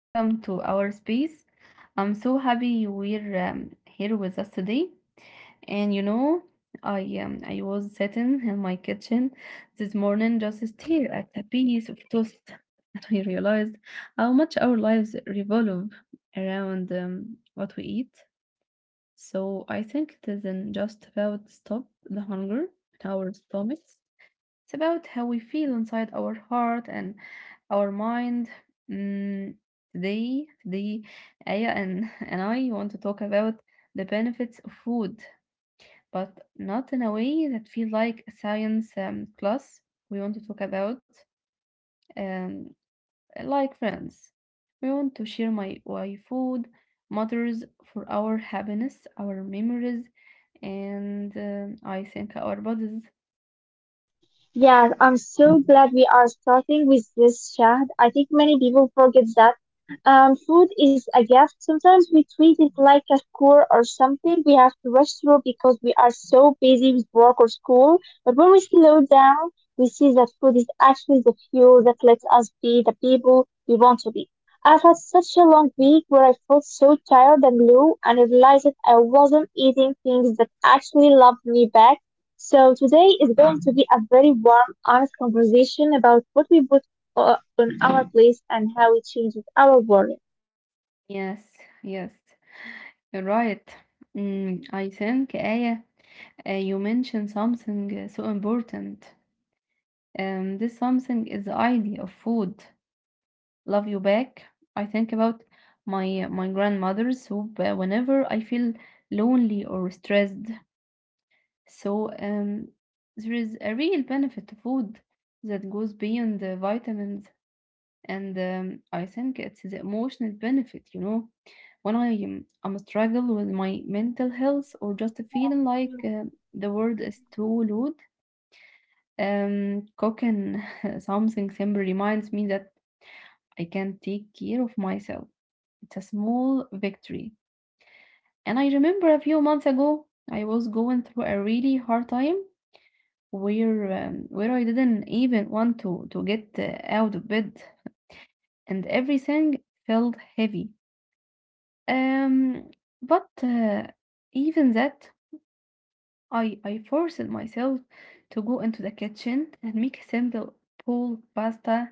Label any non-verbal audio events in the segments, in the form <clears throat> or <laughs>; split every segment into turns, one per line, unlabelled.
Welcome to our space. I'm so happy we're here with us today. And you know, I was sitting in my kitchen this morning just staring at a piece of toast, <laughs> and I realized how much our lives revolve around what we eat. So I think it isn't just about stop the hunger in our stomachs. It's about how we feel inside our heart and our mind. Mm, today, Aya <laughs> and I want to talk about the benefits of food, but not in a way that feel like a science class. We want to talk about um, like friends. We want to share my why food matters for our happiness, our memories, and I think our bodies.
Yeah, I'm so glad we are starting with this chat. I think many people forget that food is a gift. Sometimes we treat it like a chore or something we have to rush through because we are so busy with work or school. But when we slow down, we see that food is actually the fuel that lets us be the people we want to be. I've had such a long week where I felt so tired and low, and I realized that I wasn't eating things that actually loved me back, so today is going to be a very warm, honest conversation about what we put on our plates and how it changes our world.
Yes, yes. Right. I think, Aya, you mentioned something so important. This something is the idea of food. Love you back. I think about my grandmother's soup whenever I feel lonely or stressed. So there is a real benefit to food that goes beyond the vitamins and I think it's the emotional benefit, you know. When I'm struggle with my mental health or just feeling like
Yeah.
the world is too loud, cooking <laughs> something simple reminds me that I can take care of myself. It's a small victory. And I remember a few months ago, I was going through a really hard time where I didn't even want to get out of bed, and everything felt heavy. Um, but even that, I forced myself to go into the kitchen and make a simple pulled pasta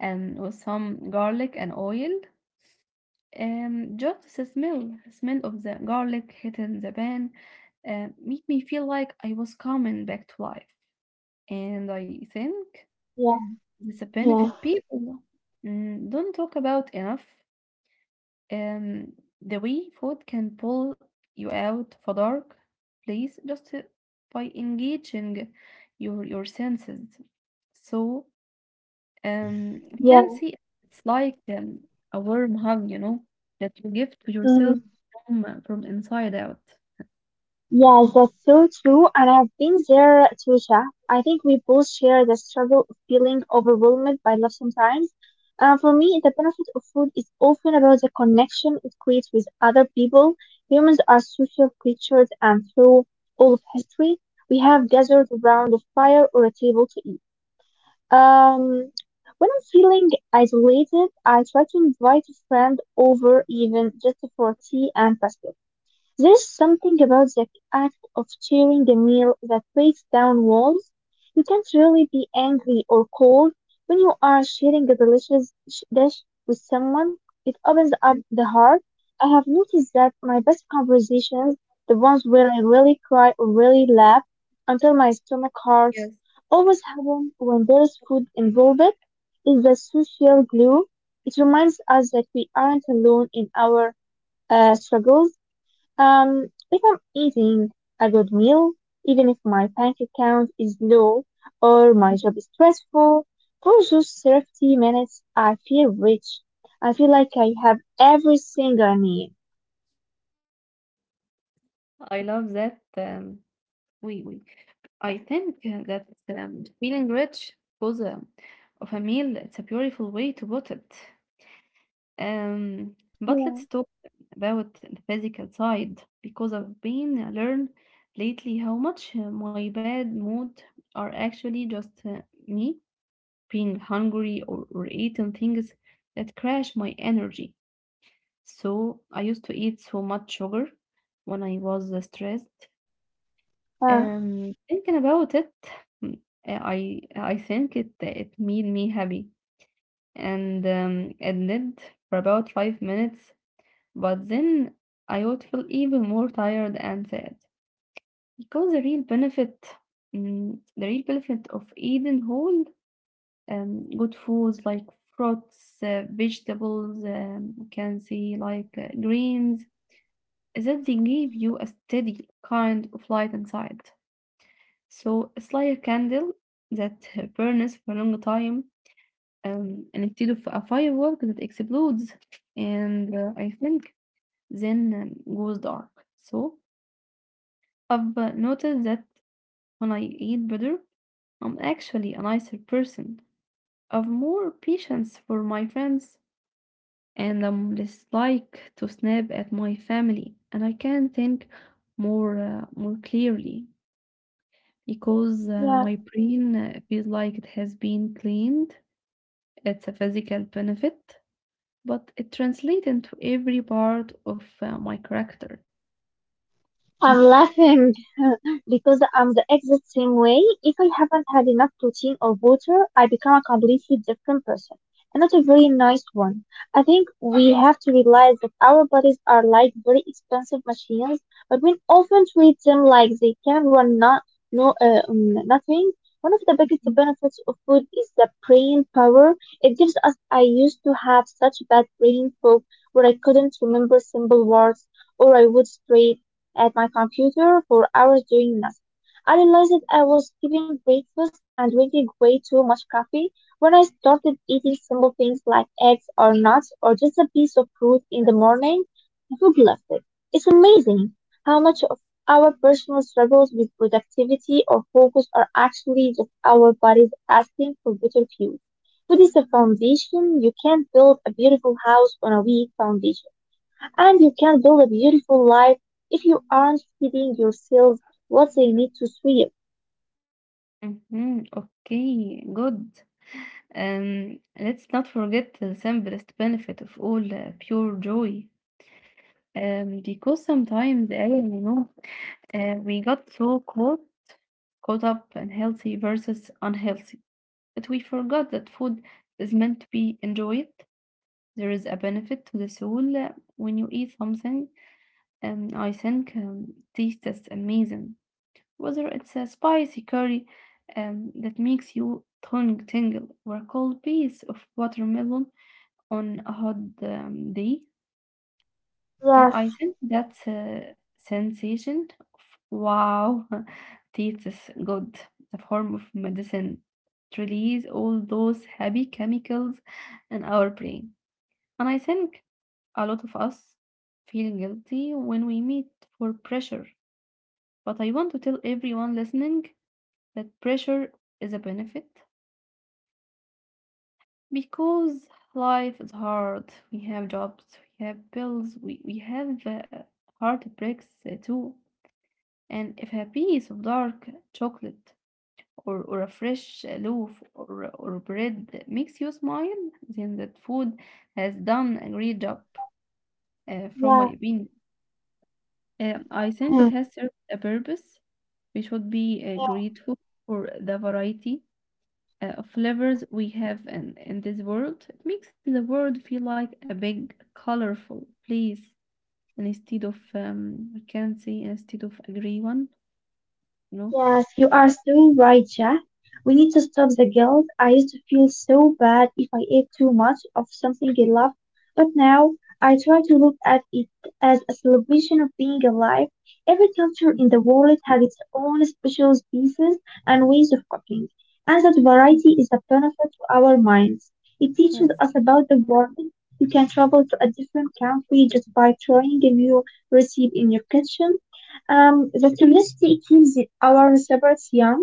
and with some garlic and oil. Just the smell of the garlic hitting the pan, made me feel like I was coming back to life. And I think
Yeah,
it's a benefit people don't talk about enough. Um, the Wii Food can pull you out of a dark place just by engaging your senses. So you
yeah,
can see it's like a warm hug, you know, that you give to yourself
yeah.
from inside out.
Yes, that's so true. And I've been there, Trisha. I think we both share the struggle of feeling overwhelmed by love sometimes. For me, the benefit of food is often about the connection it creates with other people. Humans are social creatures, and through all of history, we have gathered around a fire or a table to eat. Um, when I'm feeling isolated, I try to invite a friend over, even just for tea and biscuits. There's something about the act of sharing a meal that breaks down walls. You can't really be angry or cold when you are sharing a delicious dish with someone. It opens up
Yes,
the heart. I have noticed that my best conversations, the ones where I really cry or really laugh until my stomach hurts,
yes.
always happen when there's food involved. It's the social glue. It reminds us that we aren't alone in our struggles. Um, if I'm eating a good meal, even if my bank account is low or my job is stressful, for those 30 minutes, I feel rich. I feel like I have everything I need.
I love that. We, we. I think that feeling rich cause a, of a meal. It's a beautiful way to put it. Um, but
Yeah.
let's talk about the physical side because I've been learned lately how much my bad mood are actually just me being hungry or eating things that crash my energy. So I used to eat so much sugar when I was stressed.
Uh,
Thinking about it, mm, I think it made me happy and it did for about 5 minutes. But then I would feel even more tired and sad because the real benefit, the real benefit of eating whole good foods like fruits, vegetables, you can see like greens, is that they give you a steady kind of light inside. So it's like a candle that <laughs> burns for a long time, and instead of a firework that explodes, and I think then goes dark. So I've noticed that when I eat better, I'm actually a nicer person. I've more patience for my friends, and I'm less like to snap at my family. And I can think more more clearly because
yeah.
my brain feels like it has been cleaned. It's a physical benefit, but it translates into every part of my character. Mm.
I'm laughing <laughs> because I'm the exact same way. If I haven't had enough protein or water, I become a completely different person, and not a very nice one. I think we have to realize that our bodies are like very expensive machines, but we often treat them like they can run nothing. One of the biggest benefits of food is the brain power it gives us. I used to have such bad brain fog where I couldn't remember simple words or I would stray at my computer for hours doing nothing. I realized that I was skipping breakfast and drinking way too much coffee. When I started eating simple things like eggs or nuts or just a piece of fruit in the morning, the food left it. It's amazing how much of our personal struggles with productivity or focus are actually just our bodies asking for better fuel. Food is the foundation. You can't build a beautiful house on a weak foundation. And you can build a beautiful life if you aren't feeding your cells what they need to thrive.
Mm-hmm. Okay, good. Let's not forget the simplest benefit of all pure joy. Because sometimes we got so caught up in healthy versus unhealthy that we forgot that food is meant to be enjoyed. There is a benefit to the soul when you eat something. I think taste is amazing. Whether it's a spicy curry that makes you tongue tingle, or a cold piece of watermelon on a hot day,
Yes,
I think that sensation of wow, <laughs> tastes good, the form of medicine, to release all those happy chemicals in our brain. And I think a lot of us feel guilty when we meet for pressure. But I want to tell everyone listening that pressure is a benefit because life is hard. We have jobs, we have bills, we have heartbreaks too. And if a piece of dark chocolate or a fresh loaf or bread makes you smile, then that food has done a great job,
yes,
from my
yes.
opinion. I think it
Mm-hmm.
has served a purpose. We should be
Yes.
grateful for the variety of flavors we have in this world. It makes the world feel like a big, colorful place instead of, I can say, instead of a gray one, you know?
Yes, you are so right, Jack. We need to stop the guilt. I used to feel so bad if I ate too much of something I loved, but now I try to look at it as a celebration of being alive. Every culture in the world has its own special pieces and ways of cooking, and that
Mm,
variety is a benefit to our minds. It teaches
Yes.
us about the world. You can travel to a different country just by trying a new recipe in your kitchen. Um, the curiosity keeps our receptors young.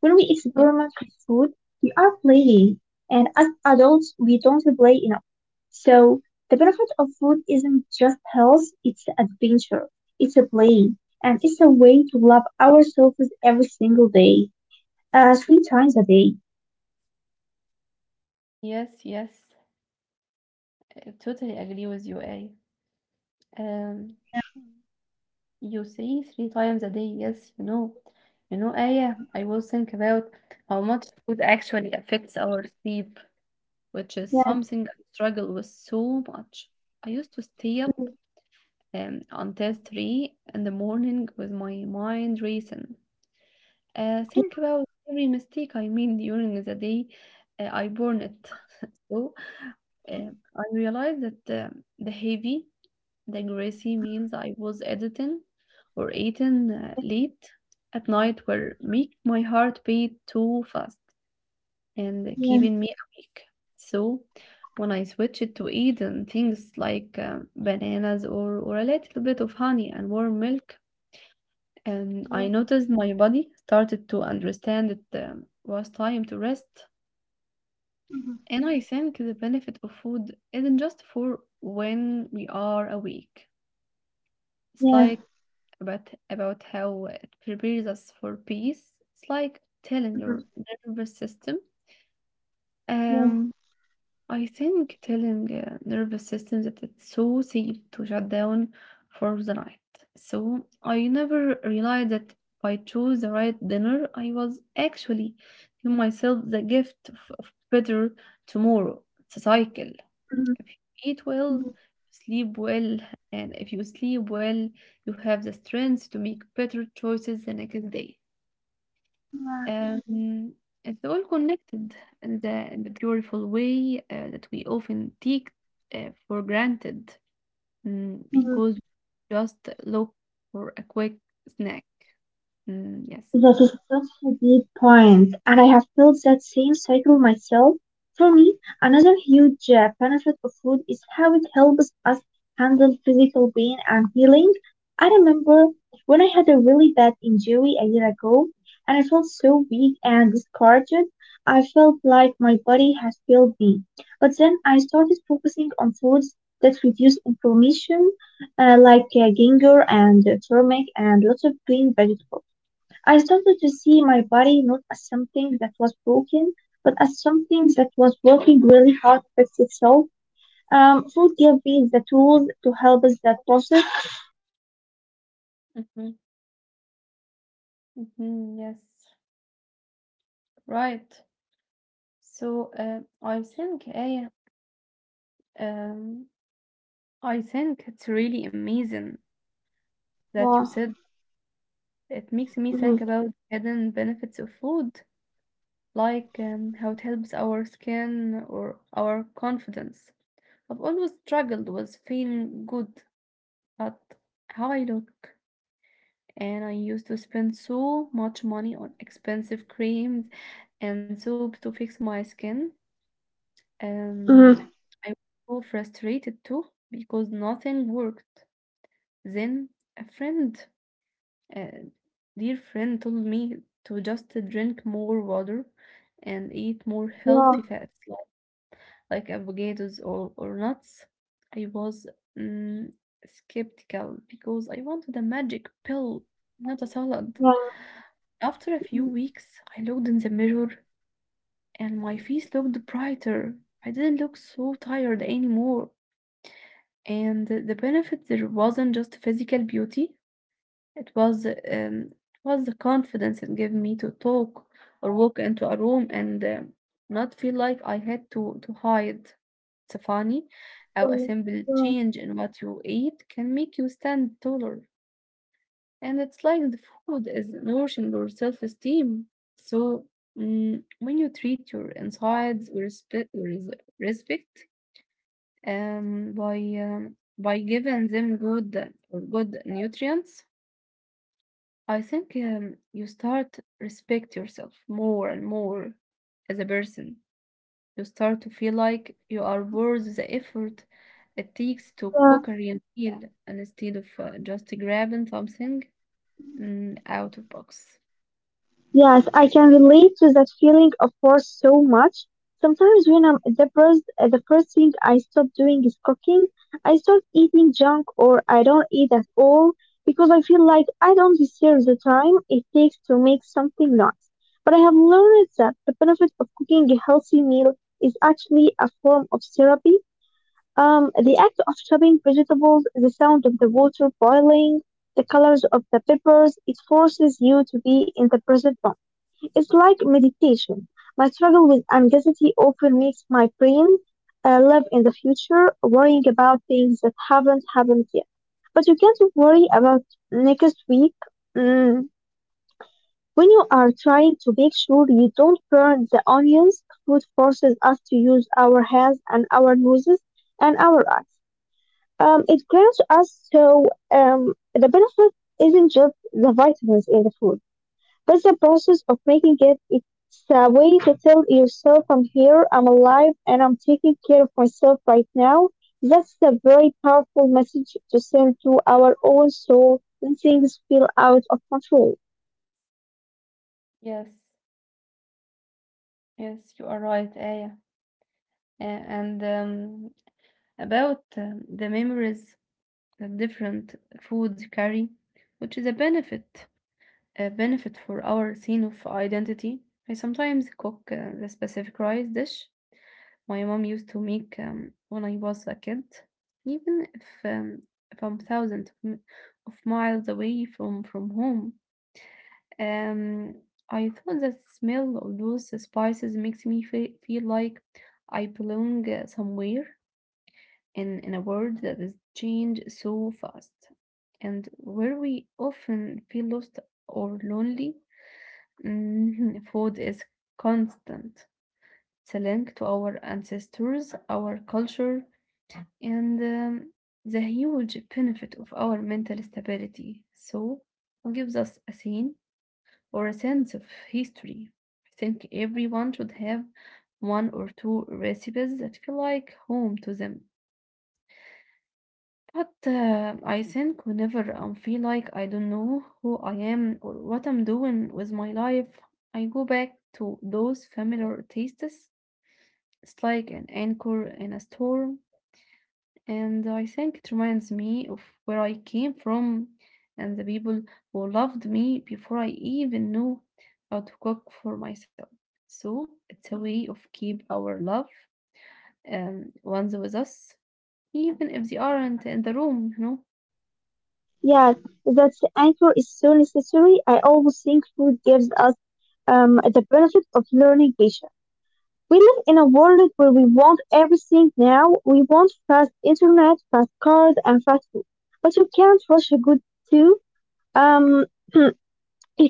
When we experiment with food, we are playing, and as adults, we don't play enough. So the benefit of food isn't just health; it's adventure, it's a play, and it's a way to love ourselves every single day, three times a day.
Yes, yes. I totally agree with you, Ai. Um,
Yeah,
you say three times a day. Yes, you know, Aya, I
mm,
will think about how much food actually affects our sleep, which is
yeah,
something I struggle with so much. I used to stay
mhm,
up until three in the morning with my mind racing. Think
yeah,
about every mistake I made during the day I born it. <laughs> so
yeah,
uh, I realized that the heavy, the greasy meals
mhm,
I was editing or eating
yeah,
late at night were
mhm,
making my heart beat too fast and
yeah,
keeping me awake. So when I switched to eating things like bananas or a little bit of honey and warm milk, and
yeah,
I noticed my body started to understand it was time to rest.
mhm,
And I think the benefit of food isn't just for when we are awake. It's
yeah,
like about how it prepares us for peace. It's like telling
mhm,
your nervous system,
yeah,
um, I think telling the nervous system that it's so safe to shut down for the night. So I never realized that if I chose the right dinner, I was actually giving myself the gift of better tomorrow. It's a cycle.
mhm,
If you eat well, you
mhm,
sleep well, and if you sleep well, you have the strength to make better choices the next day.
yeah.
Um, it's all connected in in the beautiful way that we often take for granted
Mhm.
because we just look for a quick snack. Yes.
That is such a deep point, and I have felt that same cycle myself. For me, another huge benefit of food is how it helps us handle physical pain and healing. I remember when I had a really bad injury a year ago, and I felt so weak and discouraged. I felt like my body had failed me. But then I started focusing on foods that reduce inflammation, like ginger and turmeric and lots of green vegetables. I started to see my body not as something that was broken, but as something that was working really hard to fix itself. Food gave me the tools to help us that process.
Mm-hmm, mm-hmm, yes, right. So I, think um, I think it's really amazing that you
Yeah.
said it makes me think
Mhm.
about hidden benefits of food, like how it helps our skin or our confidence. I've always struggled with feeling good at how I look, and I used to spend so much money on expensive creams and soap to fix my skin. Um,
Mhm.
I was so frustrated too because nothing worked. Then a friend, a dear friend, told me to just drink more water and eat more
Yeah.
healthy fats like avocados or nuts. I was mm, skeptical because I wanted a magic pill, not a salad.
Yeah.
After a few
Mhm.
weeks, I looked in the mirror and my face looked brighter. I didn't look so tired anymore. And the benefit there wasn't just physical beauty, it was um, it was the confidence it gave me to talk or walk into a room and not feel like I had to hide. It's funny how a
Yeah.
simple
Yeah.
change in what you eat can make you stand taller. And it's like the food is nourishing your self-esteem. So when you treat your insides with respect, with respect um, by by giving them good nutrients. I think you start respect yourself more and more as a person. You start to feel like you are worth the effort it takes to
Yeah.
cook a real meal and instead of just grabbing something out of box.
Yes, I can relate to that feeling of force so much. Sometimes when I'm depressed, the first thing I stop doing is cooking. I start eating junk or I don't eat at all because I feel like I don't deserve the time it takes to make something nice. But I have learned that the benefit of cooking a healthy meal is actually a form of therapy. The act of chopping vegetables, the sound of the water boiling, the colors of the peppers, it forces you to be in the present moment. It's like meditation. My struggle with anxiety often makes my brain live in the future, worrying about things that haven't happened yet. But you can't worry about next week mm, when you are trying to make sure you don't burn the onions. Food forces us to use our hands and our noses and our eyes. It grants us so the benefit isn't just the vitamins in the food, but the process of making it. It's a way to tell yourself I'm here, I'm alive, and I'm taking care of myself right now. That's a very powerful message to send to our own soul when things feel out of control.
Yes, yes, you are right, Aya. A- And about the memories that different foods carry, which is a benefit, a benefit for our scene of identity. I sometimes cook the specific rice dish my mom used to make when I was a kid, even if I'm thousands of miles away from home. Um, I thought the smell of those spices makes me feel like I belong somewhere in a world that is changed so fast, and where we often feel lost or lonely. Mhm. Food is constant. It's a link to our ancestors, our culture, and the huge benefit of our mental stability. So, it gives us a scene or a sense of history. I think everyone should have one or two recipes that feel like home to them. But I think whenever I feel like I don't know who I am or what I'm doing with my life, I go back to those familiar tastes. It's like an anchor in a storm, and I think it reminds me of where I came from and the people who loved me before I even knew how to cook for myself. So it's a way of keep our love ones with us, even if they aren't in the room,
Yeah, that anchor is so necessary. I always think food gives us the benefit of learning patience. We live in a world where we want everything now. We want fast internet, fast cars, and fast food. But you can't rush a good too. Um, <clears throat> you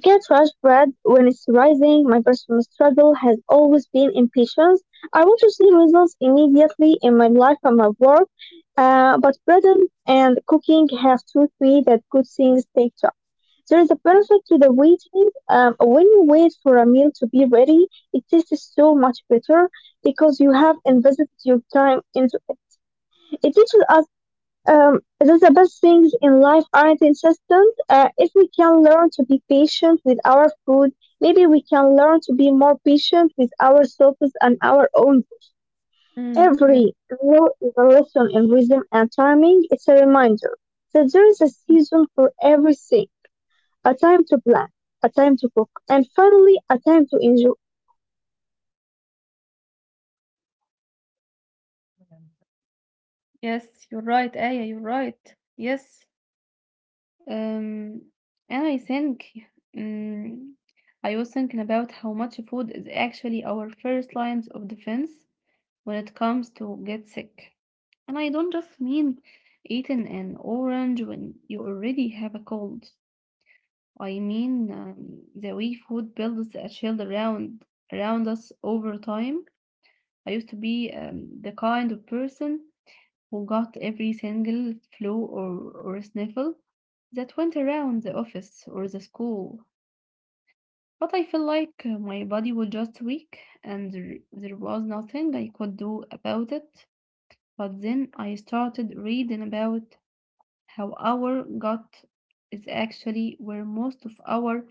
can't rush bread when it's rising. My personal struggle has always been impatience. I want to see results immediately in my life and my work. But bread and cooking have taught me that good things take time. There is a
Yes.
benefit to the waiting. When you wait for a meal to be ready, it tastes so much better because you have invested your time into it. It teaches us that the best things in life aren't insistent. If we can learn to be patient with our food, maybe we can learn to be more patient with ourselves and our own.
Mm, yes.
Every meal is a lesson in rhythm and timing. It's a reminder that there is a season for everything, a time to plan, a time to cook, and finally, a time to enjoy.
Yes, you're right, Aya, you're right. Yes. Um, and I think um, I was thinking about how much food is actually our first lines of defense when it comes to get sick. And I don't just mean eating an orange when you already have a cold. I mean the way food builds a shield around us over time. I used to be the kind of person who got every single flu or sniffle that went around the office or the school. But I felt like my body was just weak and there was nothing I could do about it. But then I started reading about how our gut is actually where most of our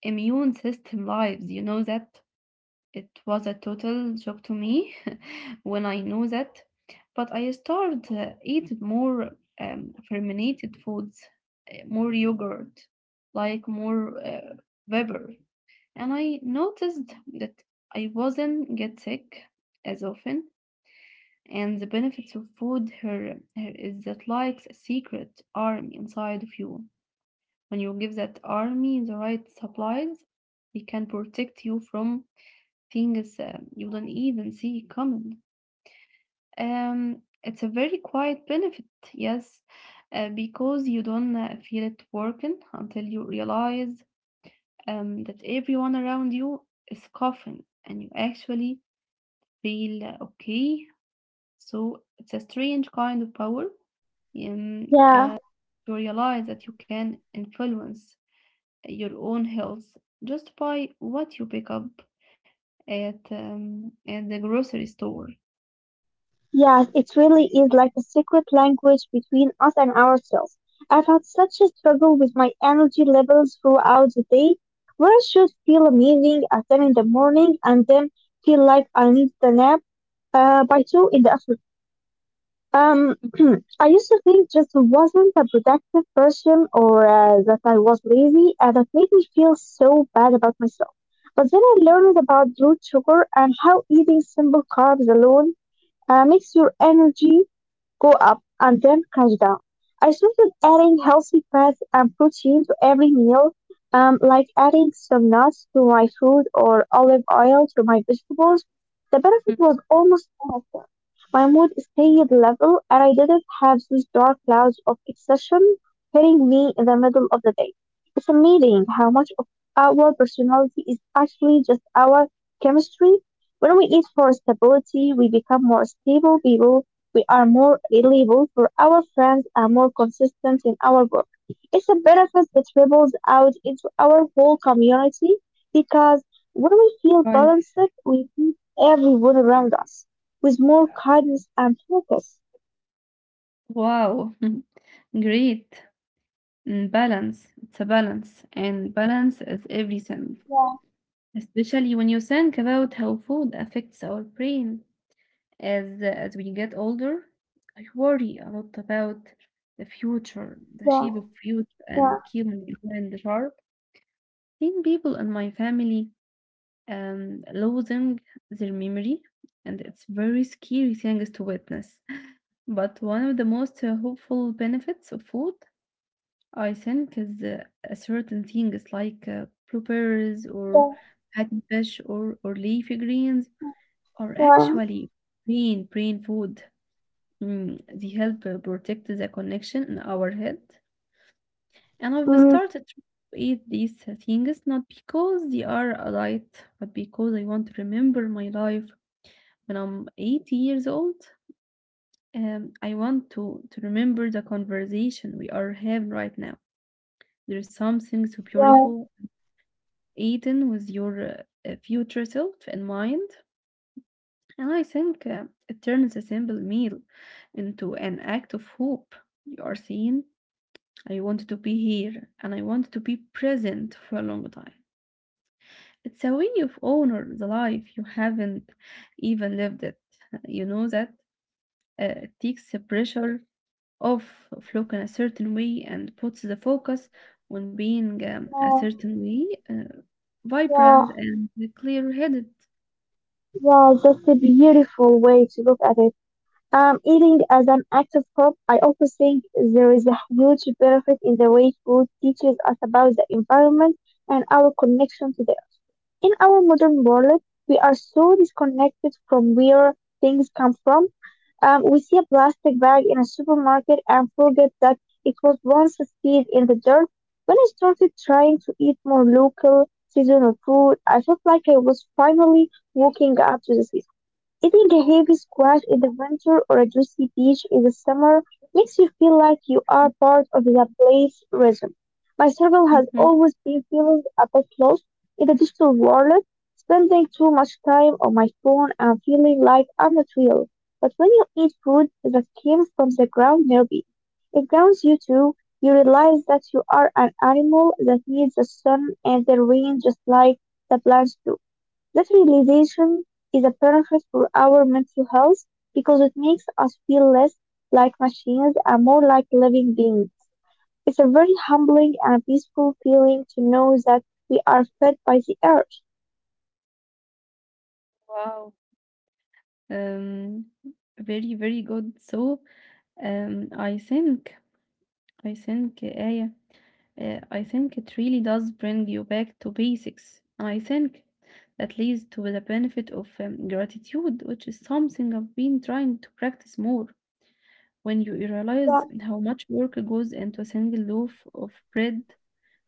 immune system lives. You know that? It was a total shock to me <laughs> when I knew that, but I started eat more fermented foods, more yogurt, like more pepper, and I noticed that I wasn't get sick as often. And the benefits of food here is that like a secret army inside of you. When you give that army the right supplies, they can protect you from things you don't even see coming. It's a very quiet benefit, yes, because you don't feel it working until you realize that everyone around you is coughing and you actually feel okay. So it's a strange kind of power um,
Yeah.
uh, to realize that you can influence your own health just by what you pick up at the grocery store.
Yes, it really is like a secret language between us and ourselves. I've had such a struggle with my energy levels throughout the day, where I should feel amazing at 10 in the morning and then feel like I need a nap by 2 in the afternoon. <clears throat> I used to think just wasn't a productive person or that I was lazy, and that made me feel so bad about myself. But then I learned about root sugar and how eating simple carbs alone makes your energy go up, and then crash down. I started adding healthy fats and protein to every meal, like adding some nuts to my fruit or olive oil to my vegetables. The benefit was almost immediate. My mood stayed level, and I didn't have these dark clouds of exhaustion hitting me in the middle of the day. It's amazing how much of our personality is actually just our chemistry. When we eat for stability, we become more stable people. We are more reliable for our friends and more consistent in our work. It's a benefit that ripples out into our whole community because when we feel
Right.
balanced, we treat everyone around us with more kindness and focus.
Wow. <laughs> Great. Mm, balance. It's a balance, and balance is everything,
Yeah,
especially when you think about how food affects our brain. As we get older, I worry a lot about the future, the
yeah,
shape of future,
yeah,
and keeping my mind sharp. Seen people in my family losing their memory, and it's very scary things to witness. But one of the most hopeful benefits of food, I think, is a certain things like blueberries or
yeah,
fatty fish or leafy greens are
yeah,
actually brain food. Mm, they help protect the connection in our head. And I've
mm,
started to eat these things not because they are a light, but because I want to remember my life when I'm 80 years old. I want to remember the conversation we are having right now. There's something so
yeah,
beautiful, eating with your future self in mind. And I think it turns a simple meal into an act of hope. You are saying, I want to be here and I want to be present for a long time. It's a way of honor the life you haven't even lived it. You know that it takes the pressure off of looking a certain way and puts the focus on being a
yeah,
certain way,
yeah.
vibrant and clear-headed.
Yeah, that's a beautiful way to look at it. Eating as an act of hope, I also think there is a huge benefit in the way food teaches us about the environment and our connection to the earth. In our modern world, we are so disconnected from where things come from. We see a plastic bag in a supermarket and forget that it was once seed in the dirt. When I started trying to eat more local, seasonal food, I felt like I was finally walking up to the season. Eating a heavy squash in the winter or a juicy peach in the summer makes you feel like you are part of the place rhythm. My struggle has
Mm-hmm.
always been feeling a bit lost in the digital world, spending too much time on my phone and feeling like I'm not real. But when you eat food that came from the ground nearby, it grounds you too. You realize that you are an animal that needs the sun and the rain just like the plants do. That realization is a benefit for our mental health because it makes us feel less like machines and more like living beings. It's a very humbling and peaceful feeling to know that we are fed by the earth.
Wow. Um, very, very good. So, um, I think I think, Aya, I think it really does bring you back to basics. I think that leads to the benefit of gratitude, which is something I've been trying to practice more. When you
Yeah,
realize how much work goes into a single loaf of bread,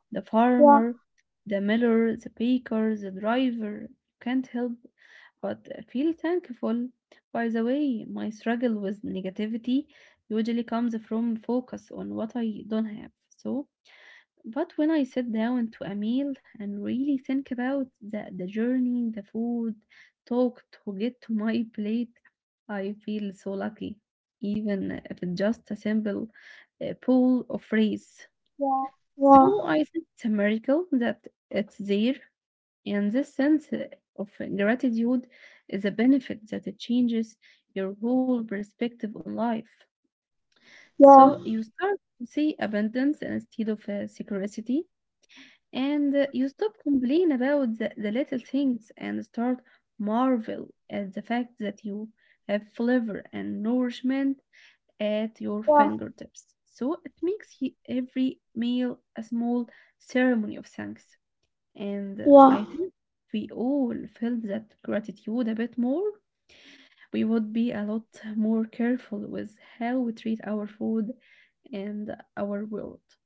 the
yeah,
farmer, the miller, the baker, the driver. You can't help but feel thankful. By the way, my struggle with negativity usually comes from focus on what I don't have. So, but when I sit down to a meal and really think about the journey, the food, talk to get to my plate, I feel so lucky, even if it's just a simple pool of rice.
yeah, yeah,
So I think it's a miracle that it's there, and this sense of gratitude is a benefit that it changes your whole perspective on life. So you start to see abundance instead of scarcity, and
yeah,
you stop complaining about the little things and start marvel at the fact that you have flavor and nourishment at your
yeah,
fingertips. So it makes every meal a small ceremony of thanks. And I
yeah.
think if we all felt that gratitude a bit more, we would be a lot more careful with how we treat our food and our world.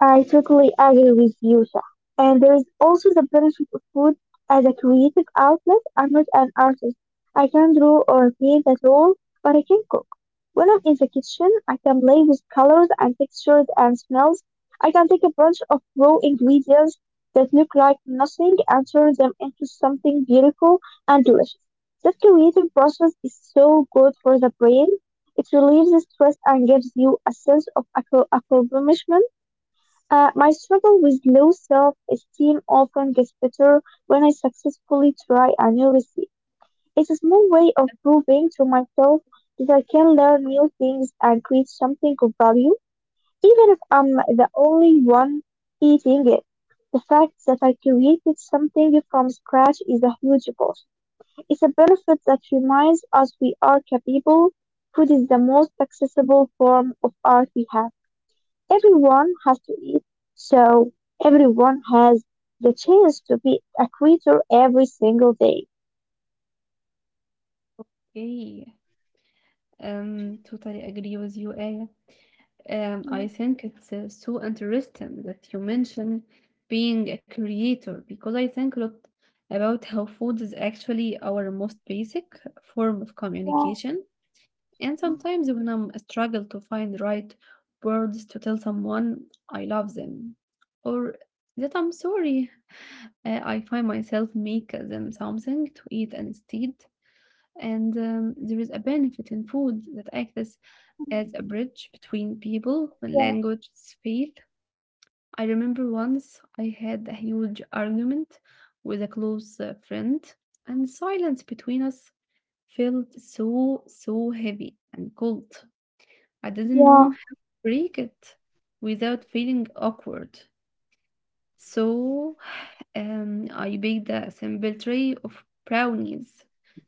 I totally agree with you, Shah. And there is also the benefit of food as a creative outlet. I'm not an artist. I can draw or paint at all, but I can cook. When I'm in the kitchen, I can play with colors and textures and smells. I can take a bunch of raw ingredients that look like nothing and turn them into something beautiful and delicious. That creative process is so good for the brain. It relieves the stress and gives you a sense of accomplishment. My struggle with low self-esteem often gets better when I successfully try a new recipe. It's a small way of proving to myself that I can learn new things and create something of value, even if I'm the only one eating it. The fact that I created something from scratch is a huge boost. It's a benefit that reminds us we are capable. Food is the most accessible form of art we have. Everyone has to eat, so everyone has the chance to be a creator every single day.
Okay, totally agree with you, Aya. I
Mm,
think it's so interesting that you mention being a creator because I think a lot about how food is actually our most basic form of
yeah,
communication. And
mm,
sometimes when I'm struggle to find right words to tell someone I love them or that I'm sorry, I find myself make them something to eat instead. And there is a benefit in food that acts as a bridge between people when languages
yeah,
fail. I remember once I had a huge argument with a close friend, and silence between us felt so, so heavy and cold. I didn't know how to break it
yeah,
without feeling awkward. So <sighs> I baked a simple tray of brownies.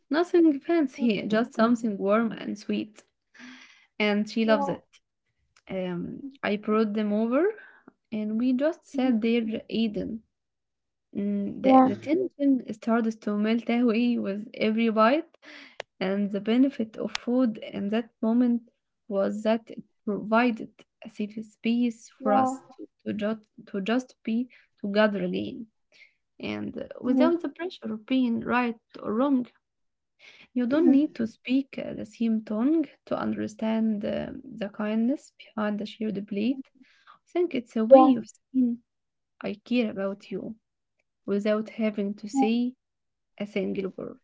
Nothing fancy, <laughs> just something warm and sweet.
mm,
And she loves it. I
yeah,
brought them over and we
mm,
just sat there eating. Mm, the tension started to melt away
yeah,
with every bite, and the benefit of food in that moment was that it provided a safe space
yeah,
for us to, to just be together again. And
mm,
without the pressure of being right or wrong, you don't need to speak the same tongue to understand the kindness behind the shared plate. I think it's a way
mm,
of saying I care about you without having to
yeah.
say a single word.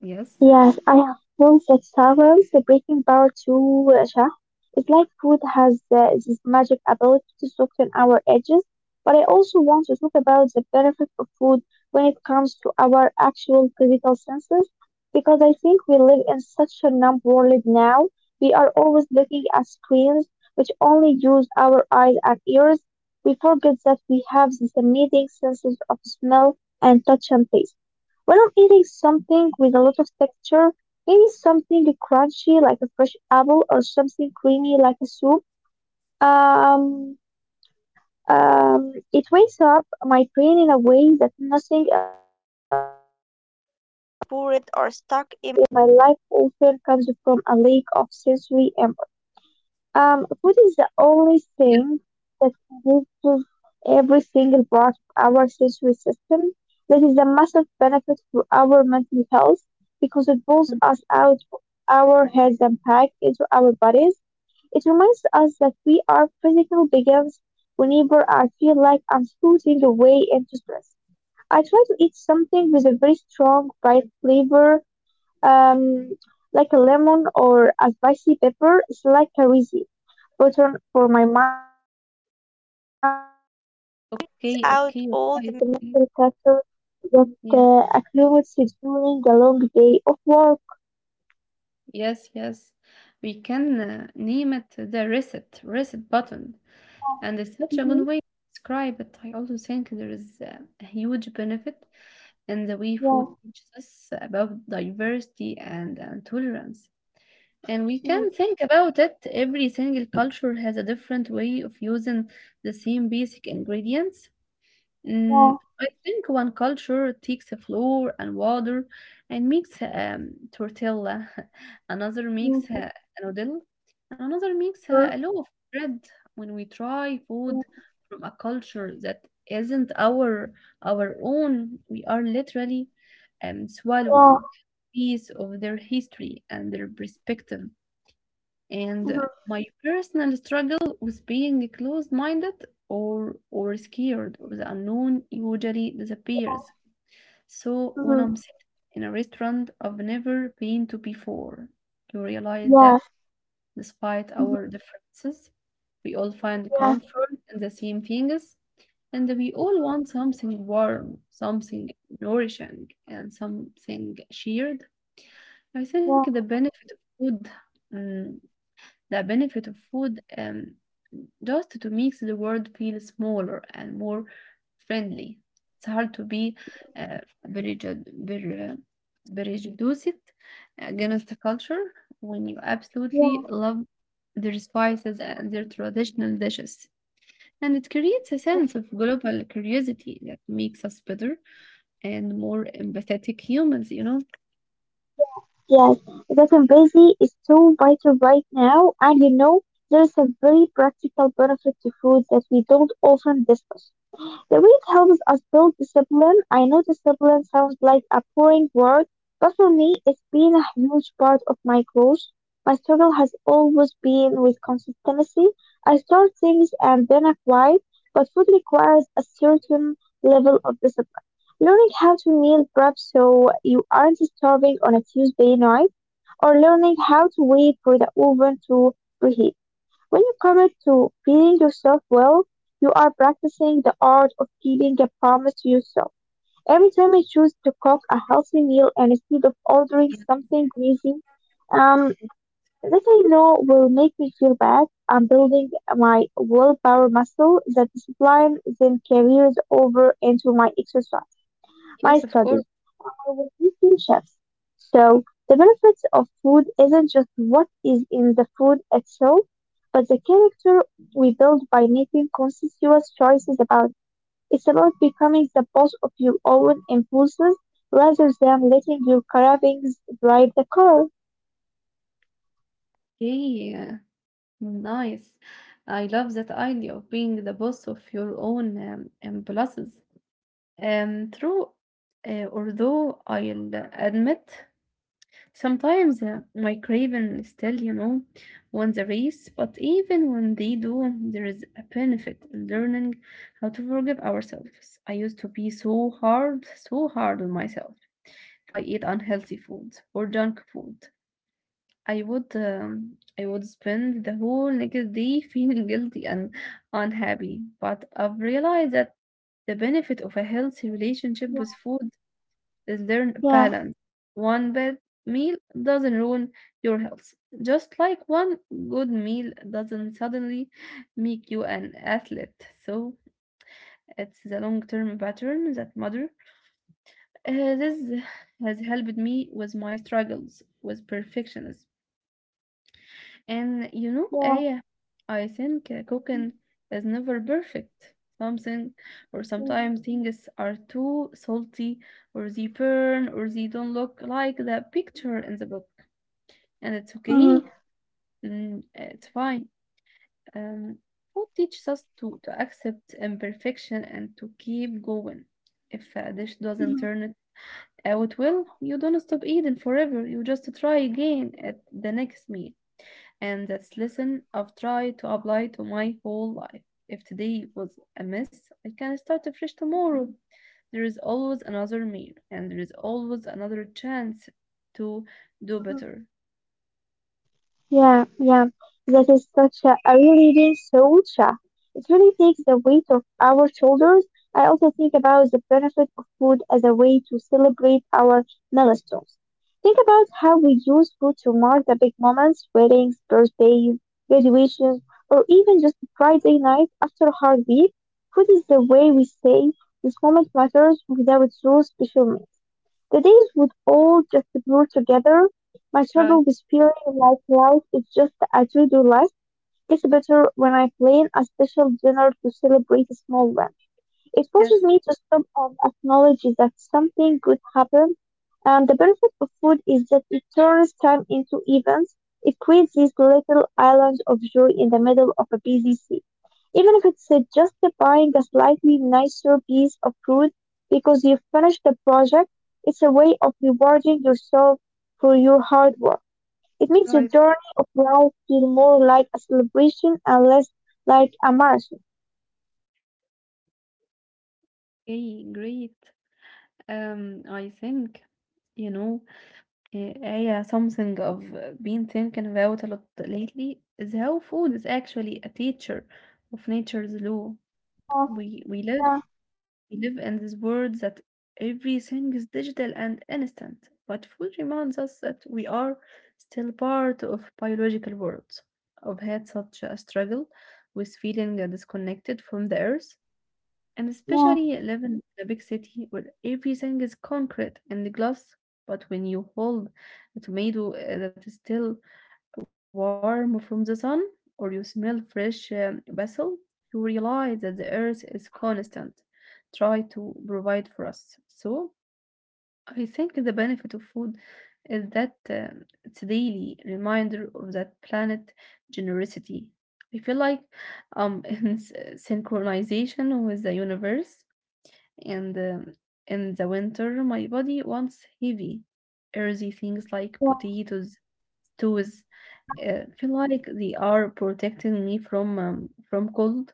Yes.
Yes, I have flown 6 hours. The breaking power to Russia. It's like food has this magic ability to soften our edges. But I also want to talk about the benefit of food when it comes to our actual physical senses, because I think we live in such a numb world now. We are always looking at screens, which only use our eyes and ears. We forget that we have these amazing senses of smell and touch and taste. When I'm eating something with a lot of texture, maybe something crunchy like a fresh apple or something creamy like a soup, um, it wakes up my brain in a way that nothing else poured or stuck in my life often comes from a lack of sensory input.
Mm,
Food is the only
yes,
thing that reaches every single part of our sensory system. That is a massive benefit for our mental health because it
mm,
pulls us out of our heads and back into our bodies. It reminds us that we are physical beings whenever I feel like I'm floating away into stress. I try to eat something with a very strong,
yes.
bright flavor, um, like a lemon or a spicy pepper is like a recipe button for my mind, the mental
Okay, okay, you're
clutter
right. Yes,
that
yes,
accumulates during a long day of work.
yes, yes. We can name it the reset button. And it's such a good
Mm-hmm.
way to describe it. I also think there is a huge benefit in the way
Yeah.
food teaches us about diversity and tolerance. And we
Mm-hmm.
can think about it. Every single culture has a different way of using the same basic ingredients.
Yeah.
Mm, I think one culture takes the flour and water and makes tortilla, <laughs> another makes
Mm-hmm.
a noodle, and another makes
Yeah.
a loaf of bread. When we try food
Yeah.
from a culture that isn't our own, we are literally swallowing piece of their history and their perspective.
Mm-hmm.
And
Yeah. Mm-hmm.
my personal struggle with being closed-minded or scared of the unknown usually
Yeah.
disappears. So when
Mm-hmm.
I'm sitting in a restaurant I've never been to before, you realize that despite our differences, we all find
Yeah.
comfort in the same things, and we all
Mm-hmm.
want something warm, something nourishing, and something shared. I think
Yeah.
the benefit of food mm, the benefit of food just to make the world feel smaller and more friendly. It's hard to be
Mm-hmm.
uh, very, ju- very, uh, very judiced against the culture when you
Yeah.
absolutely love their spices and their traditional dishes. And it creates a sense of global curiosity that makes us better and more empathetic humans, you know?
Yes, that I'm busy is so vital right now, and you know, there is a very practical benefit to food that we don't often discuss. The way it helps us build discipline, I know discipline sounds like a boring word, but for me, it's been a huge part of my growth. My struggle has always been with consistency. I start things and then I quit, but food requires a certain level of discipline. Learning how to meal prep so you aren't starving on a Tuesday night or learning how to wait for the oven to preheat. When you commit to feeding yourself well, you are practicing the art of keeping a promise to yourself. Every time I choose to cook a healthy meal and instead of ordering
Yeah.
something greasy, um, that I know will make me feel bad, I'm building my willpower muscle that discipline then carries over into my exercise,
Yes,
my
of course.
studies over 15 chefs. So the benefits of food isn't just what is in the food itself, but the character we build by making conscious choices about it. It's about becoming the boss of your own impulses rather than letting your cravings drive the car.
Okay. Nice. I love that idea of being the boss of your own impulses. True, although I'll admit sometimes my craving still, you know, won the race, but even when they do, there is a benefit in learning how to forgive ourselves. I used to be so hard on myself if I eat unhealthy food or junk food. I would spend the whole next day <laughs> feeling guilty and unhappy, but I've realized that the benefit of a healthy relationship with food is learn
Yeah.
balance. One bad meal doesn't ruin your health, just like one good meal doesn't suddenly make you an athlete. So it's the long-term pattern that matter. This has helped me with my struggles with perfectionism. And you know,
Yeah.
Aya, I think cooking is never perfect. Something or sometimes things are too salty, or they burn, or they don't look like the picture in the book. And it's okay, mm, it's fine. Um, food teaches us to accept imperfection and to keep going. If a dish doesn't turn out well, you don't stop eating forever. You just try again at the next meal, and that's lesson I've tried to apply to my whole life. If today was a mess, I can start afresh tomorrow. There is always another meal, and there is always another chance to do
Mhm.
better.
Yeah, yeah. That is such a relieving thought, Shah. It really takes the weight off our shoulders. I also think about the benefit of food as a way to celebrate our milestones. Think about how we use food to mark the big moments, weddings, birthdays, graduations, or even just Friday night after a hard week. Food is the way we say this moment matters without those special meals. The days would all just blur together. My struggle
Right.
with feeling like life is just as we do less gets better when I plan a special dinner to celebrate a small win. It forces
Yes.
me to stop and acknowledge that something good happened. And the benefit of food is that it turns time into events. It creates this little island of joy in the middle of a busy sea. Even if it's just buying a slightly nicer piece of fruit because you finished the project, it's a way of rewarding yourself for your hard work. It makes the
Right.
journey of life feel more like a celebration and less like a marathon.
Okay. Great. I think, you know, uh, yeah, something I've been thinking about a lot lately is how food is actually a teacher of nature's law.
Yeah,
We we live
yeah,
We live in this world that everything is digital and instant, but food reminds us that we are still part of biological worlds. I've had such a struggle with feeling disconnected from the earth and
yeah.
especially live in a big city where everything is concrete and glass. But when you hold a tomato that is still warm from the sun, or you smell fresh basil, you realize that the earth is constant, try to provide for us. So I think the benefit of food is that it's a daily reminder of that planet generosity. I feel like um <laughs> in s- synchronization with the universe and in the winter, my body wants heavy, earthy things like
Yeah,
potatoes, stews.
yeah,
Feel like they are protecting me from cold.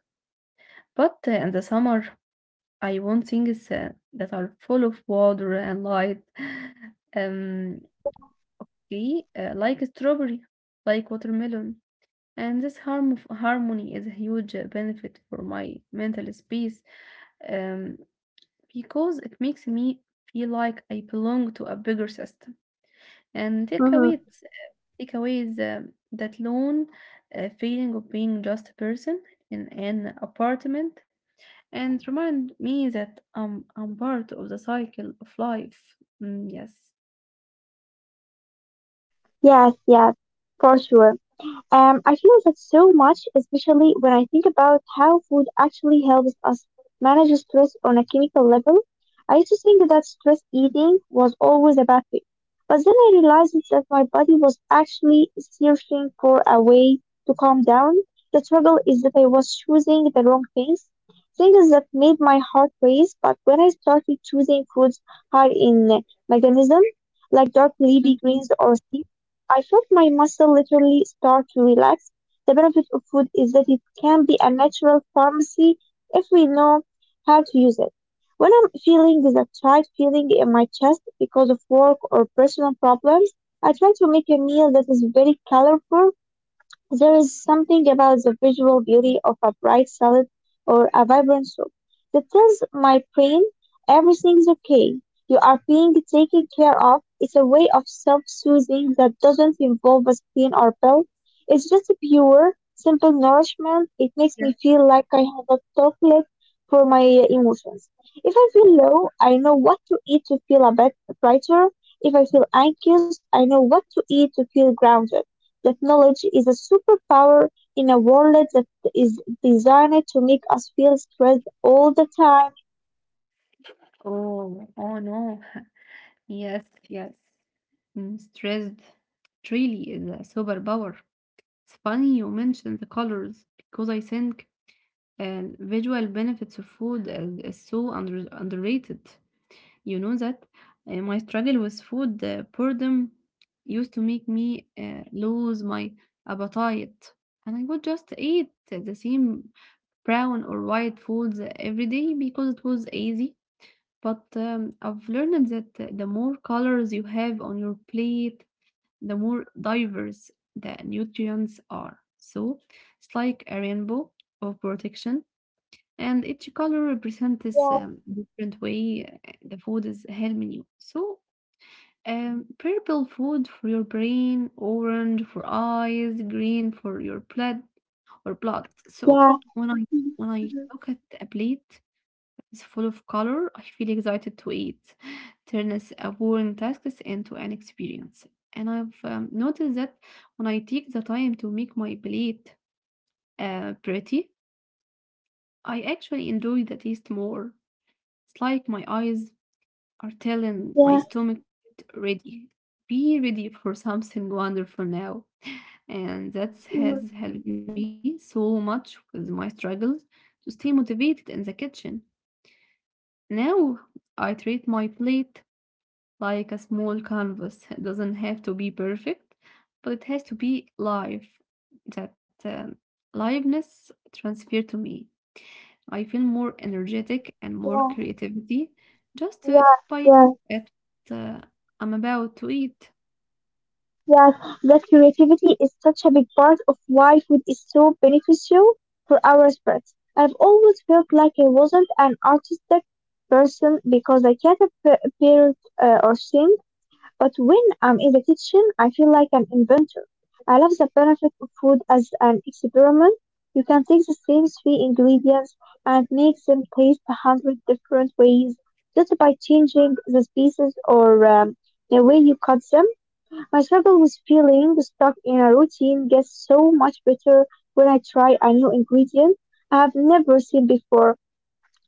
But in the summer, I want things that are full of water and light. <sighs> <laughs> Um,
yeah.
okay, like strawberry, like watermelon. And this harmony is a huge benefit for my mental space. Um, because it makes me feel like I belong to a bigger system. And
Uh-huh.
takeaways that lone feeling of being just a person in an apartment, and remind me that I'm part of the cycle of life. Mm, yes.
Yes, yes, for sure. I feel that so much, especially when I think about how food actually helps us manage stress on a chemical level. I used to think that stress eating was always a bad thing, but then I realized that my body was actually searching for a way to calm down. The struggle is that I was choosing the wrong things, things that made my heart race. But when I started choosing foods high in magnesium, like dark leafy
Mhm.
greens or seafood, I felt my muscle literally start to relax. The benefit of food is that it can be a natural pharmacy if we know how to use it. When I'm feeling the tight feeling in my chest because of work or personal problems, I try to make a meal that is very colorful. There is something about the visual beauty of a bright salad or a vibrant soup that tells my brain everything's okay. You are being taken care of. It's a way of self-soothing that doesn't involve a screen or pill. It's just pure, simple nourishment. It
Yes.
makes me feel like I have a chocolate for my emotions. If I feel low, I know what to eat to feel a bit brighter. If I feel anxious, I know what to eat to feel grounded. That knowledge is a superpower in a world that is designed to make us feel stressed all the time.
Oh, oh no. Yes, yes. Mm, stressed really is a superpower. It's funny you mentioned the colors because I think visual benefits of food is so underrated. You know that my struggle with food boredom used to make me lose my appetite, and I would just eat the same brown or white foods every day because it was easy. But I've learned that the more colors you have on your plate, the more diverse the nutrients are. So it's like a rainbow of protection, and each color represents
Yeah,
different way the food is helping you. So purple food for your brain, orange for eyes, green for your blood or blood. So
yeah,
when I when I
yeah,
look at a plate is full of color, I feel excited to eat. Turns a boring task into an experience. And I've noticed that when I take the time to make my plate pretty, I actually enjoy the taste more. It's like my eyes are telling my
yeah,
stomach, "Get ready, be ready for something wonderful now." And that has helped me so much with my struggles to stay motivated in the kitchen. Now I treat my plate like a small canvas. It doesn't have to be perfect, but it has to be live. That liveness transfer to me. I feel more energetic and more creativity just
yeah,
by
yeah,
it. Uh, I'm about to eat.
yes. That creativity is such a big part of why food is so beneficial for our spirits. I've always felt like I wasn't an artistic person because I can't appear or sing. But when I'm in the kitchen, I feel like an inventor. I love the benefit of food as an experiment. You can take the same 3 ingredients and make them taste 100 different ways just by changing the species or the way you cut them. My struggle with feeling stuck in a routine gets so much better when I try a new ingredient I have never seen before.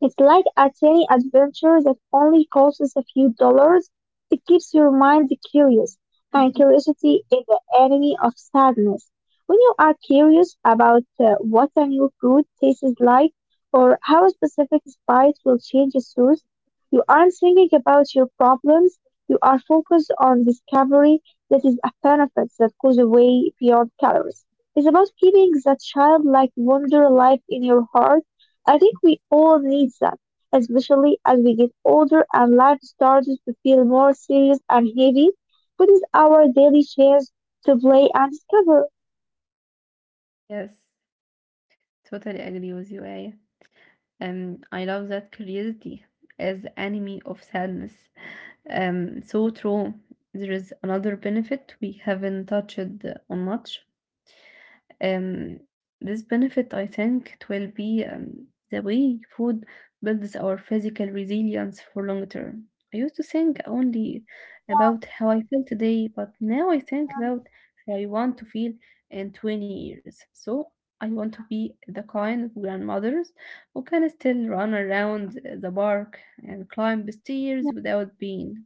It's like a tiny adventure that only costs a few dollars. It keeps your mind curious, and
Mhm.
curiosity is the enemy of sadness. When you are curious about what a new fruit tastes like or how a specific spice will change its taste, you aren't thinking about your problems. You are focused on discovery that is a benefit that goes way beyond calories. It's about keeping that childlike wonder alive in your heart. I think we all need that, especially as we get older and life starts to feel more serious and heavy. What is our daily chance to play and discover?
Yes, totally agree with you, Aya. I love that curiosity as the enemy of sadness. So true. There is another benefit we haven't touched on much. Um, this benefit, I think, it will be the way food builds our physical resilience for long term. I used to think only about how I feel today, but now I think about how I want to feel in 20 years. So I want to be the kind of grandmothers who can still run around the park and climb the stairs without pain.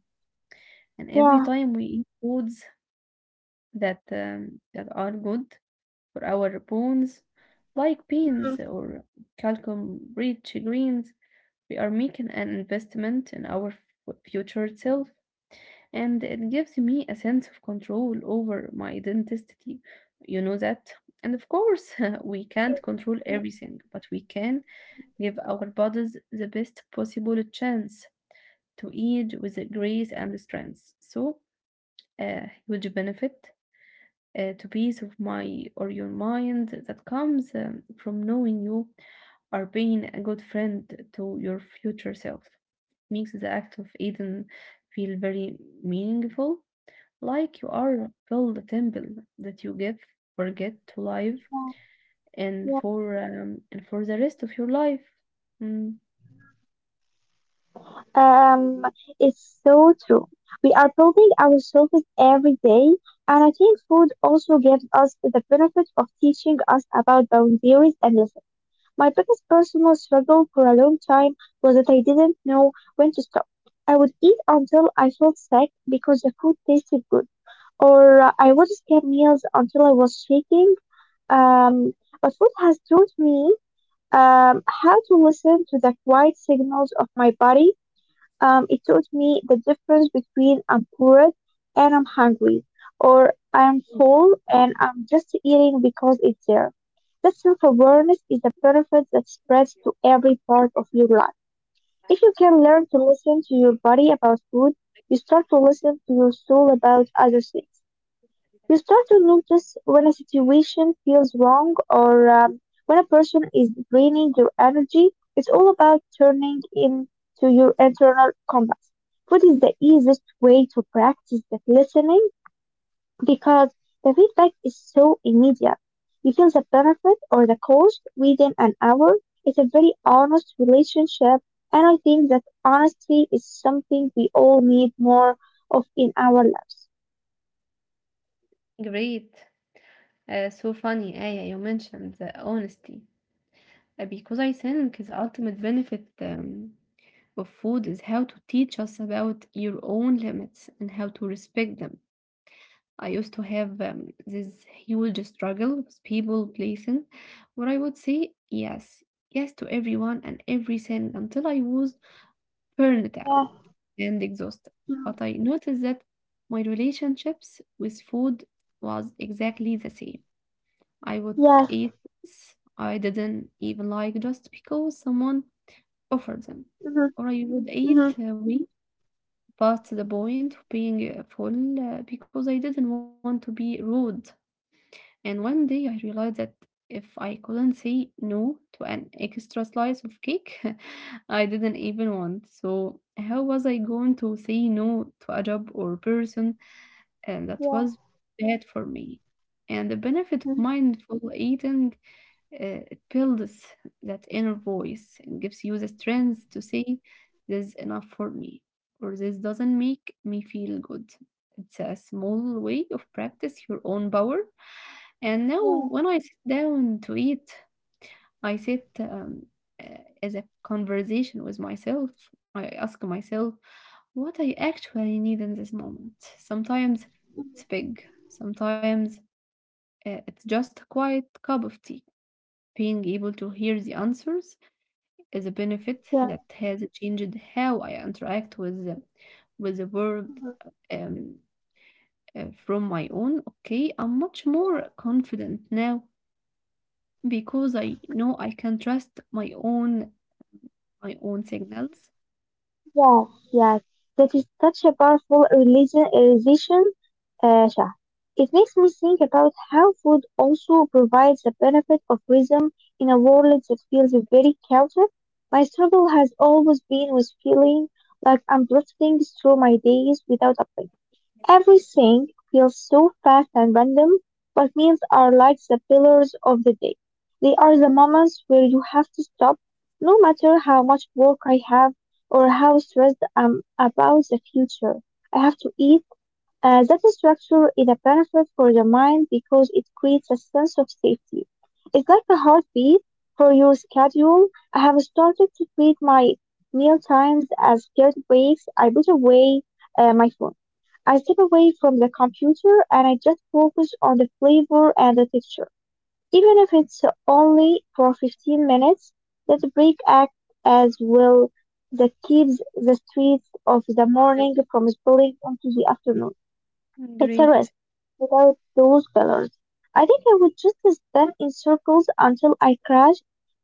And every
Yeah.
time we eat foods that that are good for our bones, like beans
Mhm.
or calcium rich greens, we are making an investment in our future self, and it gives me a sense of control over my identity. You know that. And of course, <laughs> we can't control everything, but we can give our bodies the best possible chance to age with grace and strength. So, a huge benefit to peace of my or your mind that comes from knowing you are being a good friend to your future self. Makes the act of Eden feel very meaningful, like you are build a temple that you give or get to live and for the rest of your life. Mm.
Um, it's so true. We are building ourselves every day, and I think food also gives us the benefit of teaching us about boundaries and my biggest personal struggle for a long time was that I didn't know when to stop. I would eat until I felt sick because the food tasted good, or I would skip meals until I was shaking. Um, but food has taught me how to listen to the quiet signals of my body. It taught me the difference between I'm poor and I'm hungry, or I'm full and I'm just eating because it's there. That self awareness is a benefit that spreads to every part of your life. If you can learn to listen to your body about food, you start to listen to your soul about other things. You start to notice when a situation feels wrong, or when a person is draining your energy. It's all about turning into your internal compass. Food is the easiest way to practice that listening because the feedback is so immediate. You feel the benefit or the cost within an hour. It's a very honest relationship, and I think that honesty is something we all need more of in our lives.
Great. So funny, Aya, you mentioned the honesty. Because I think the ultimate benefit of food is how to teach us about your own limits and how to respect them. I used to have this huge struggle with people pleasing, where I would say yes to everyone and everything until I was burned out
Yeah.
and exhausted. But I noticed that my relationships with food was exactly the same. I would
Yeah.
eat things I didn't even like just because someone Offer them,
Yes.
or I would
Mhm.
eat we past the point of being full because I didn't want to be rude. And one day I realized that if I couldn't say no to an extra slice of cake <laughs> I didn't even want. So how was I going to say no to a job or person and that
Yeah.
was bad for me. And the benefit of
Mhm.
mindful eating, it builds that inner voice and gives you the strength to say, this is enough for me, or this doesn't make me feel good. It's a small way of practice your own power. And now,
Yeah.
when I sit down to eat, I sit uh, as a conversation with myself. I ask myself, what I actually need in this moment. Sometimes
Mhm.
it's big, sometimes it's just a quiet cup of tea. Being able to hear the answers is a benefit
Yeah.
that has changed how I interact with with the world
Mhm.
um, from my own. Okay, I'm much more confident now because I know I can trust my own signals.
Yes. Yes. That is such a powerful religion. Religion. Shah. It makes me think about how food also provides the benefit of rhythm in a world that feels very chaotic. My struggle has always been with feeling like I'm drifting through my days without a plan. Everything feels so fast and random, but meals are like the pillars of the day. They are the moments where you have to stop, no matter how much work I have or how stressed I'm about the future. I have to eat. That structure is a benefit for the mind because it creates a sense of safety. It's like a heartbeat for your schedule. I have started to treat my meal times as guilt breaks. I put away my phone. I step away from the computer and I just focus on the flavor and the texture. Even if it's only for 15 minutes, that break acts as well that keeps the streets of the morning from spilling into the afternoon. It's a
Great.
rest without those pillars. I think I would just spin in circles until I crash.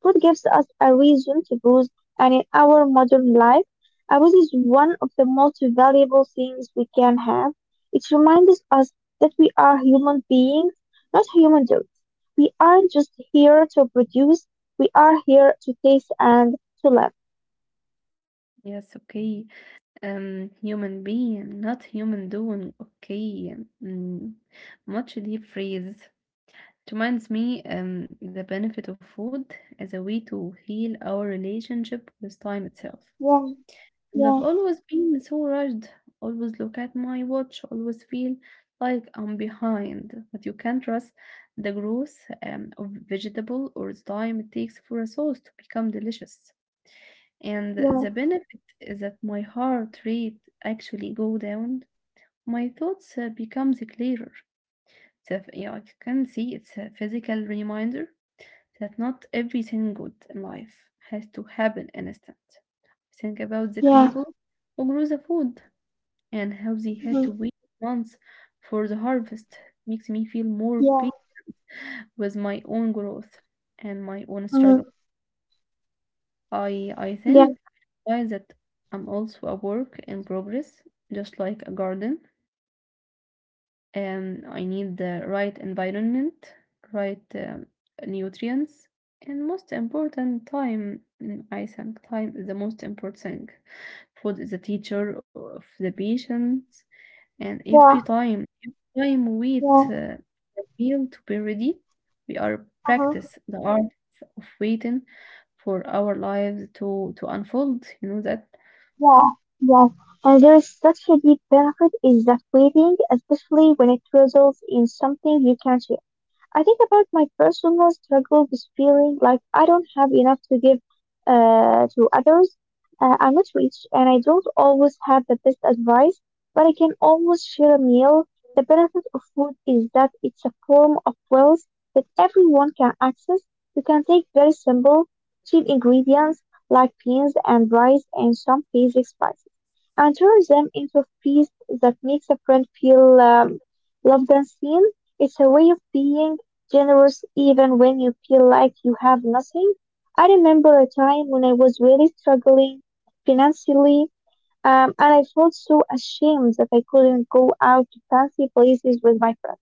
Food gives us a reason to booze, and in our modern life, a booze is one of the most valuable things we can have. It reminds us that we are human beings, not human dogs. We aren't just here to produce, we are here to taste and to love.
Yes. Okay. Human being, not human doing. Okay. Mm. Much deep freeze. It reminds me the benefit of food as a way to heal our relationship with time itself.
Yeah,
And I've
yeah,
always been so rushed, always look at my watch, always feel like I'm behind. But you can't trust the growth of vegetable or the time it takes for a sauce to become delicious. And
yeah,
the benefit is that my heart rate actually go down. My thoughts becomes clearer. So yeah, I can see it's a physical reminder that not everything good in life has to happen instant. Think about the
yeah,
people who grow the food and how they had
mhm,
to wait months for the harvest. Makes me feel more
yeah,
patient with my own growth and my own struggle.
mhm,
I I
yeah,
think I that I'm also a work in progress, just like a garden. And I need the right environment, right nutrients, and most important time. Mm, I think time is the most important thing. Food is the teacher of the patient and
yeah,
every time we wait
yeah.
the meal to be ready, we are
Uh-huh.
practice the art of waiting for our lives to unfold. You know that.
Yeah, yeah. And there is such a deep benefit in that waiting, especially when it results in something you can change. I think about my personal struggle with feeling like I don't have enough to give to others. I'm not rich and I don't always have the best advice, but I can always share a meal. The benefit of food is that it's a form of wealth that everyone can access. You can take very simple, cheap ingredients like beans and rice and some basic spices and turn them into a feast that makes a friend feel loved and seen. It's a way of being generous even when you feel like you have nothing. I remember a time when I was really struggling financially, and I felt so ashamed that I couldn't go out to fancy places with my friends.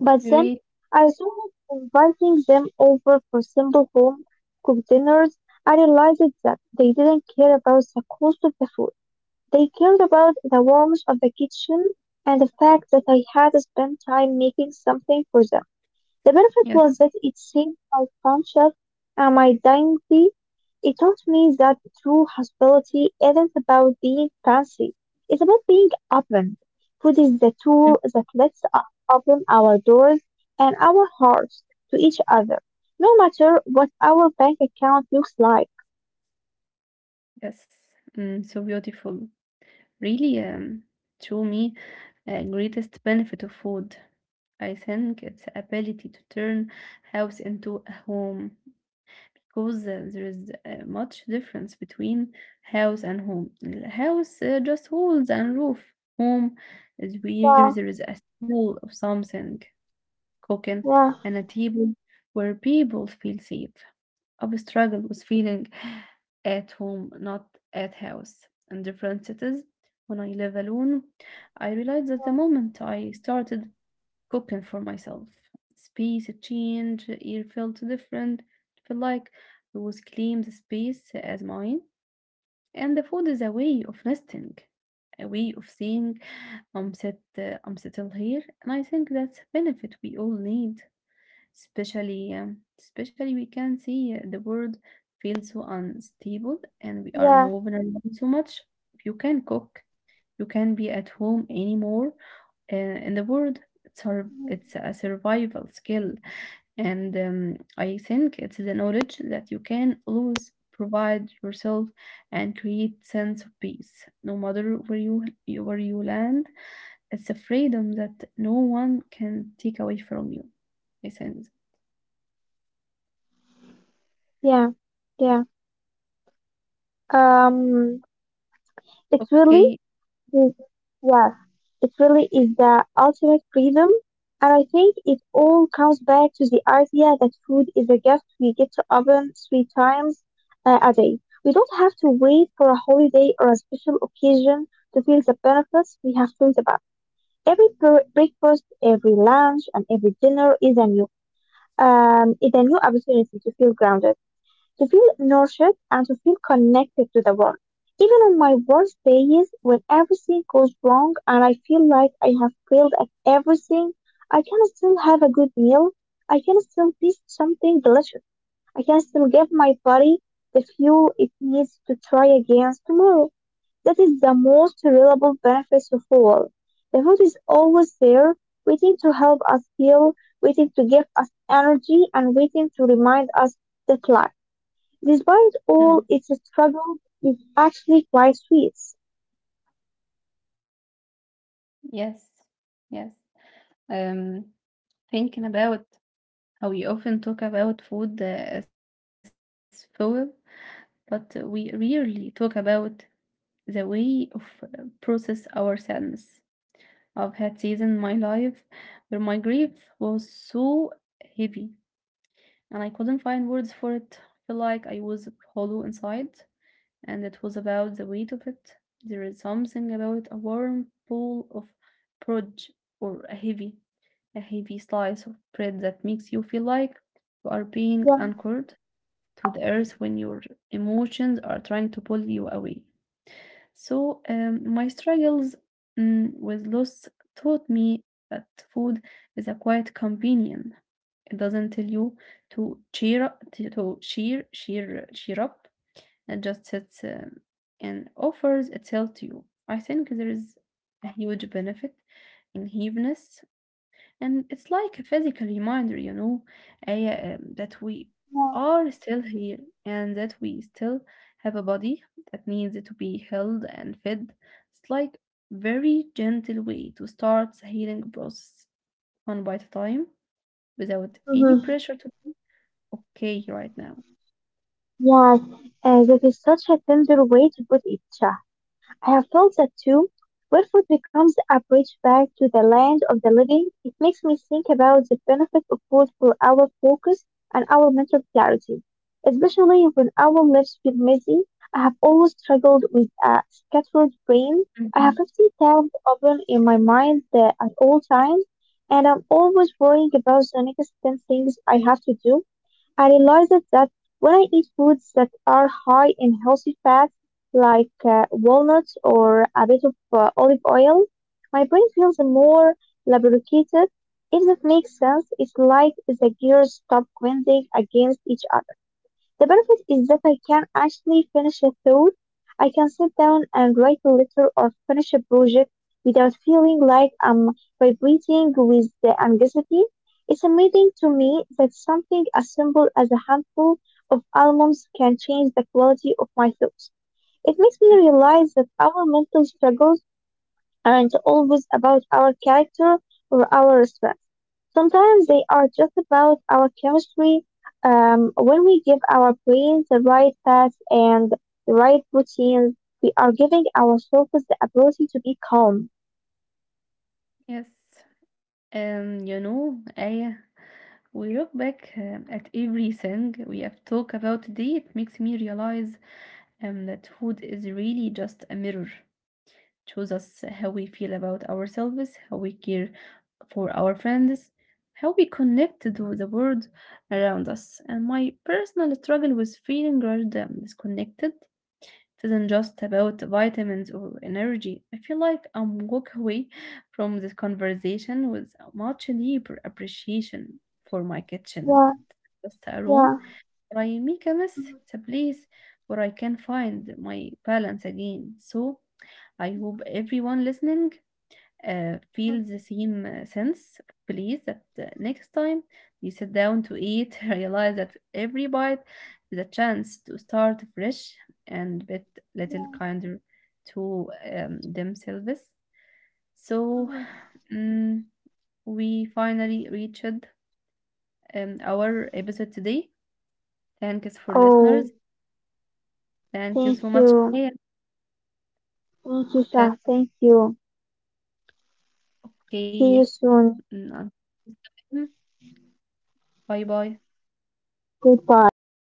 But then
Great.
I started inviting them over for simple home cooked dinners. I realized that they didn't care about the cost of the food. They cared about the warmth of the kitchen and the fact that I had spent time making something for them. The benefit
Yes.
was that it saved my friendship and my dignity. It taught me that true hospitality isn't about being fancy. It's about being open. Food is the tool
Mm.
that lets us open our doors and our hearts to each other, no matter what our bank account looks like.
Yes. Mm, so beautiful. Really, to me, greatest benefit of food. I think it's ability to turn house into a home, because there is much difference between house and home. The House just walls and roof. Home is where
Yeah,
there is a smell of something cooking and a table where people feel safe. I struggle with feeling at home, not at house. In different cities, when I live alone, I realized that the moment I started cooking for myself. Space change, air felt so different. It felt like I was claiming the space as mine. And the food is a way of nesting, a way of saying, I'm set, I'm settled here. And I think that's a benefit we all need, especially we can see the world feels so unstable and we are
yeah,
moving
yeah,
around so much. If you can cook, you can't be at home anymore in the world. It's, her, it's a survival skill. And I think it's the knowledge that you can lose, provide yourself, and create sense of peace. No matter where you- where you land, it's a freedom that no one can take away from you. I sense.
yeah, yeah. Um, it's really.
Okay.
Yes, it really is the ultimate freedom. And I think it all comes back to the idea that food is a gift we get to open three times a day. We don't have to wait for a holiday or a special occasion to feel the benefits we have talked about. Every breakfast, every lunch, and every dinner is a new, opportunity to feel grounded, to feel nurtured and to feel connected to the world. Even on my worst days when everything goes wrong and I feel like I have failed at everything, I can still have a good meal. I can still taste something delicious. I can still give my body the fuel it needs to try again tomorrow. That is the most reliable benefit of all. The food is always there, waiting to help us heal, waiting to give us energy, and waiting to remind us that life, despite
Mm.
all its struggles, it's actually quite sweet.
Yes, yes. Um, thinking about how we often talk about food as fuel, but we rarely talk about the way of process our sadness. I've had seasons in my life where my grief was so heavy and I couldn't find words for it. I feel like I was hollow inside and it was about the weight of it. There is something about a warm pool of prod or a a heavy slice of bread that makes you feel like you are being
Yeah,
anchored to the earth when your emotions are trying to pull you away. So my struggles with loss taught me that food is a quiet companion. It doesn't tell you to cheer up, to cheer up. It just sits and offers itself to you. I think there is a huge benefit in heaviness. And it's like a physical reminder, you know, that we are still here and that we still have a body that needs to be held and fed. It's like very gentle way to start the healing process one bite at a time without any
mhm,
pressure to be okay right now.
yes, that is such a tender way to put it. I have felt that too. When food becomes a bridge back to the land of the living, it makes me think about the benefit of food for our focus and our mental clarity. Especially when our lives feel messy, I have always struggled with a scattered brain. I have
Mhm.
50 tabs open in my mind at all times, and I'm always worrying about the next 10 things I have to do. I realized that when I eat foods that are high in healthy fats, like walnuts or a bit of olive oil, my brain feels more lubricated. If that makes sense, it's like the gears stop grinding against each other. The benefit is that I can actually finish a thought. I can sit down and write a letter or finish a project without feeling like I'm vibrating with the anxiety. It's amazing to me that something as simple as a handful of almonds can change the quality of my thoughts. It makes me
Yes.
realize that our mental struggles aren't always about our character or our strength. Sometimes they are just about our chemistry. When we give our brains the right path and the right routines, we are giving ourselves the ability to be calm.
Yes. You know, I we look back at everything we have talked about today. It makes me realize that food is really just a mirror. Shows us how we feel about ourselves, how we care for our friends, how we connect to the world around us. And my personal struggle with feeling rushed and disconnected isn't just about vitamins or energy. I feel like I'm walk away from this conversation with a much deeper appreciation for my kitchen.
Yeah,
Just a room
yeah.
my Michamis, the place where I can find my balance again. So I hope everyone listening feels the same sense of belief that next time you sit down to eat, <laughs> realize that every bite is a chance to start fresh and bit little kinder to themselves. So mm, we finally reached our episode today. Thanks for
Oh,
listeners Thank you so
thank
much.
you.
Okay.
Thank you, Shah.
Thank
Thank you.
okay.
See you soon.
Mm, bye bye.
Goodbye.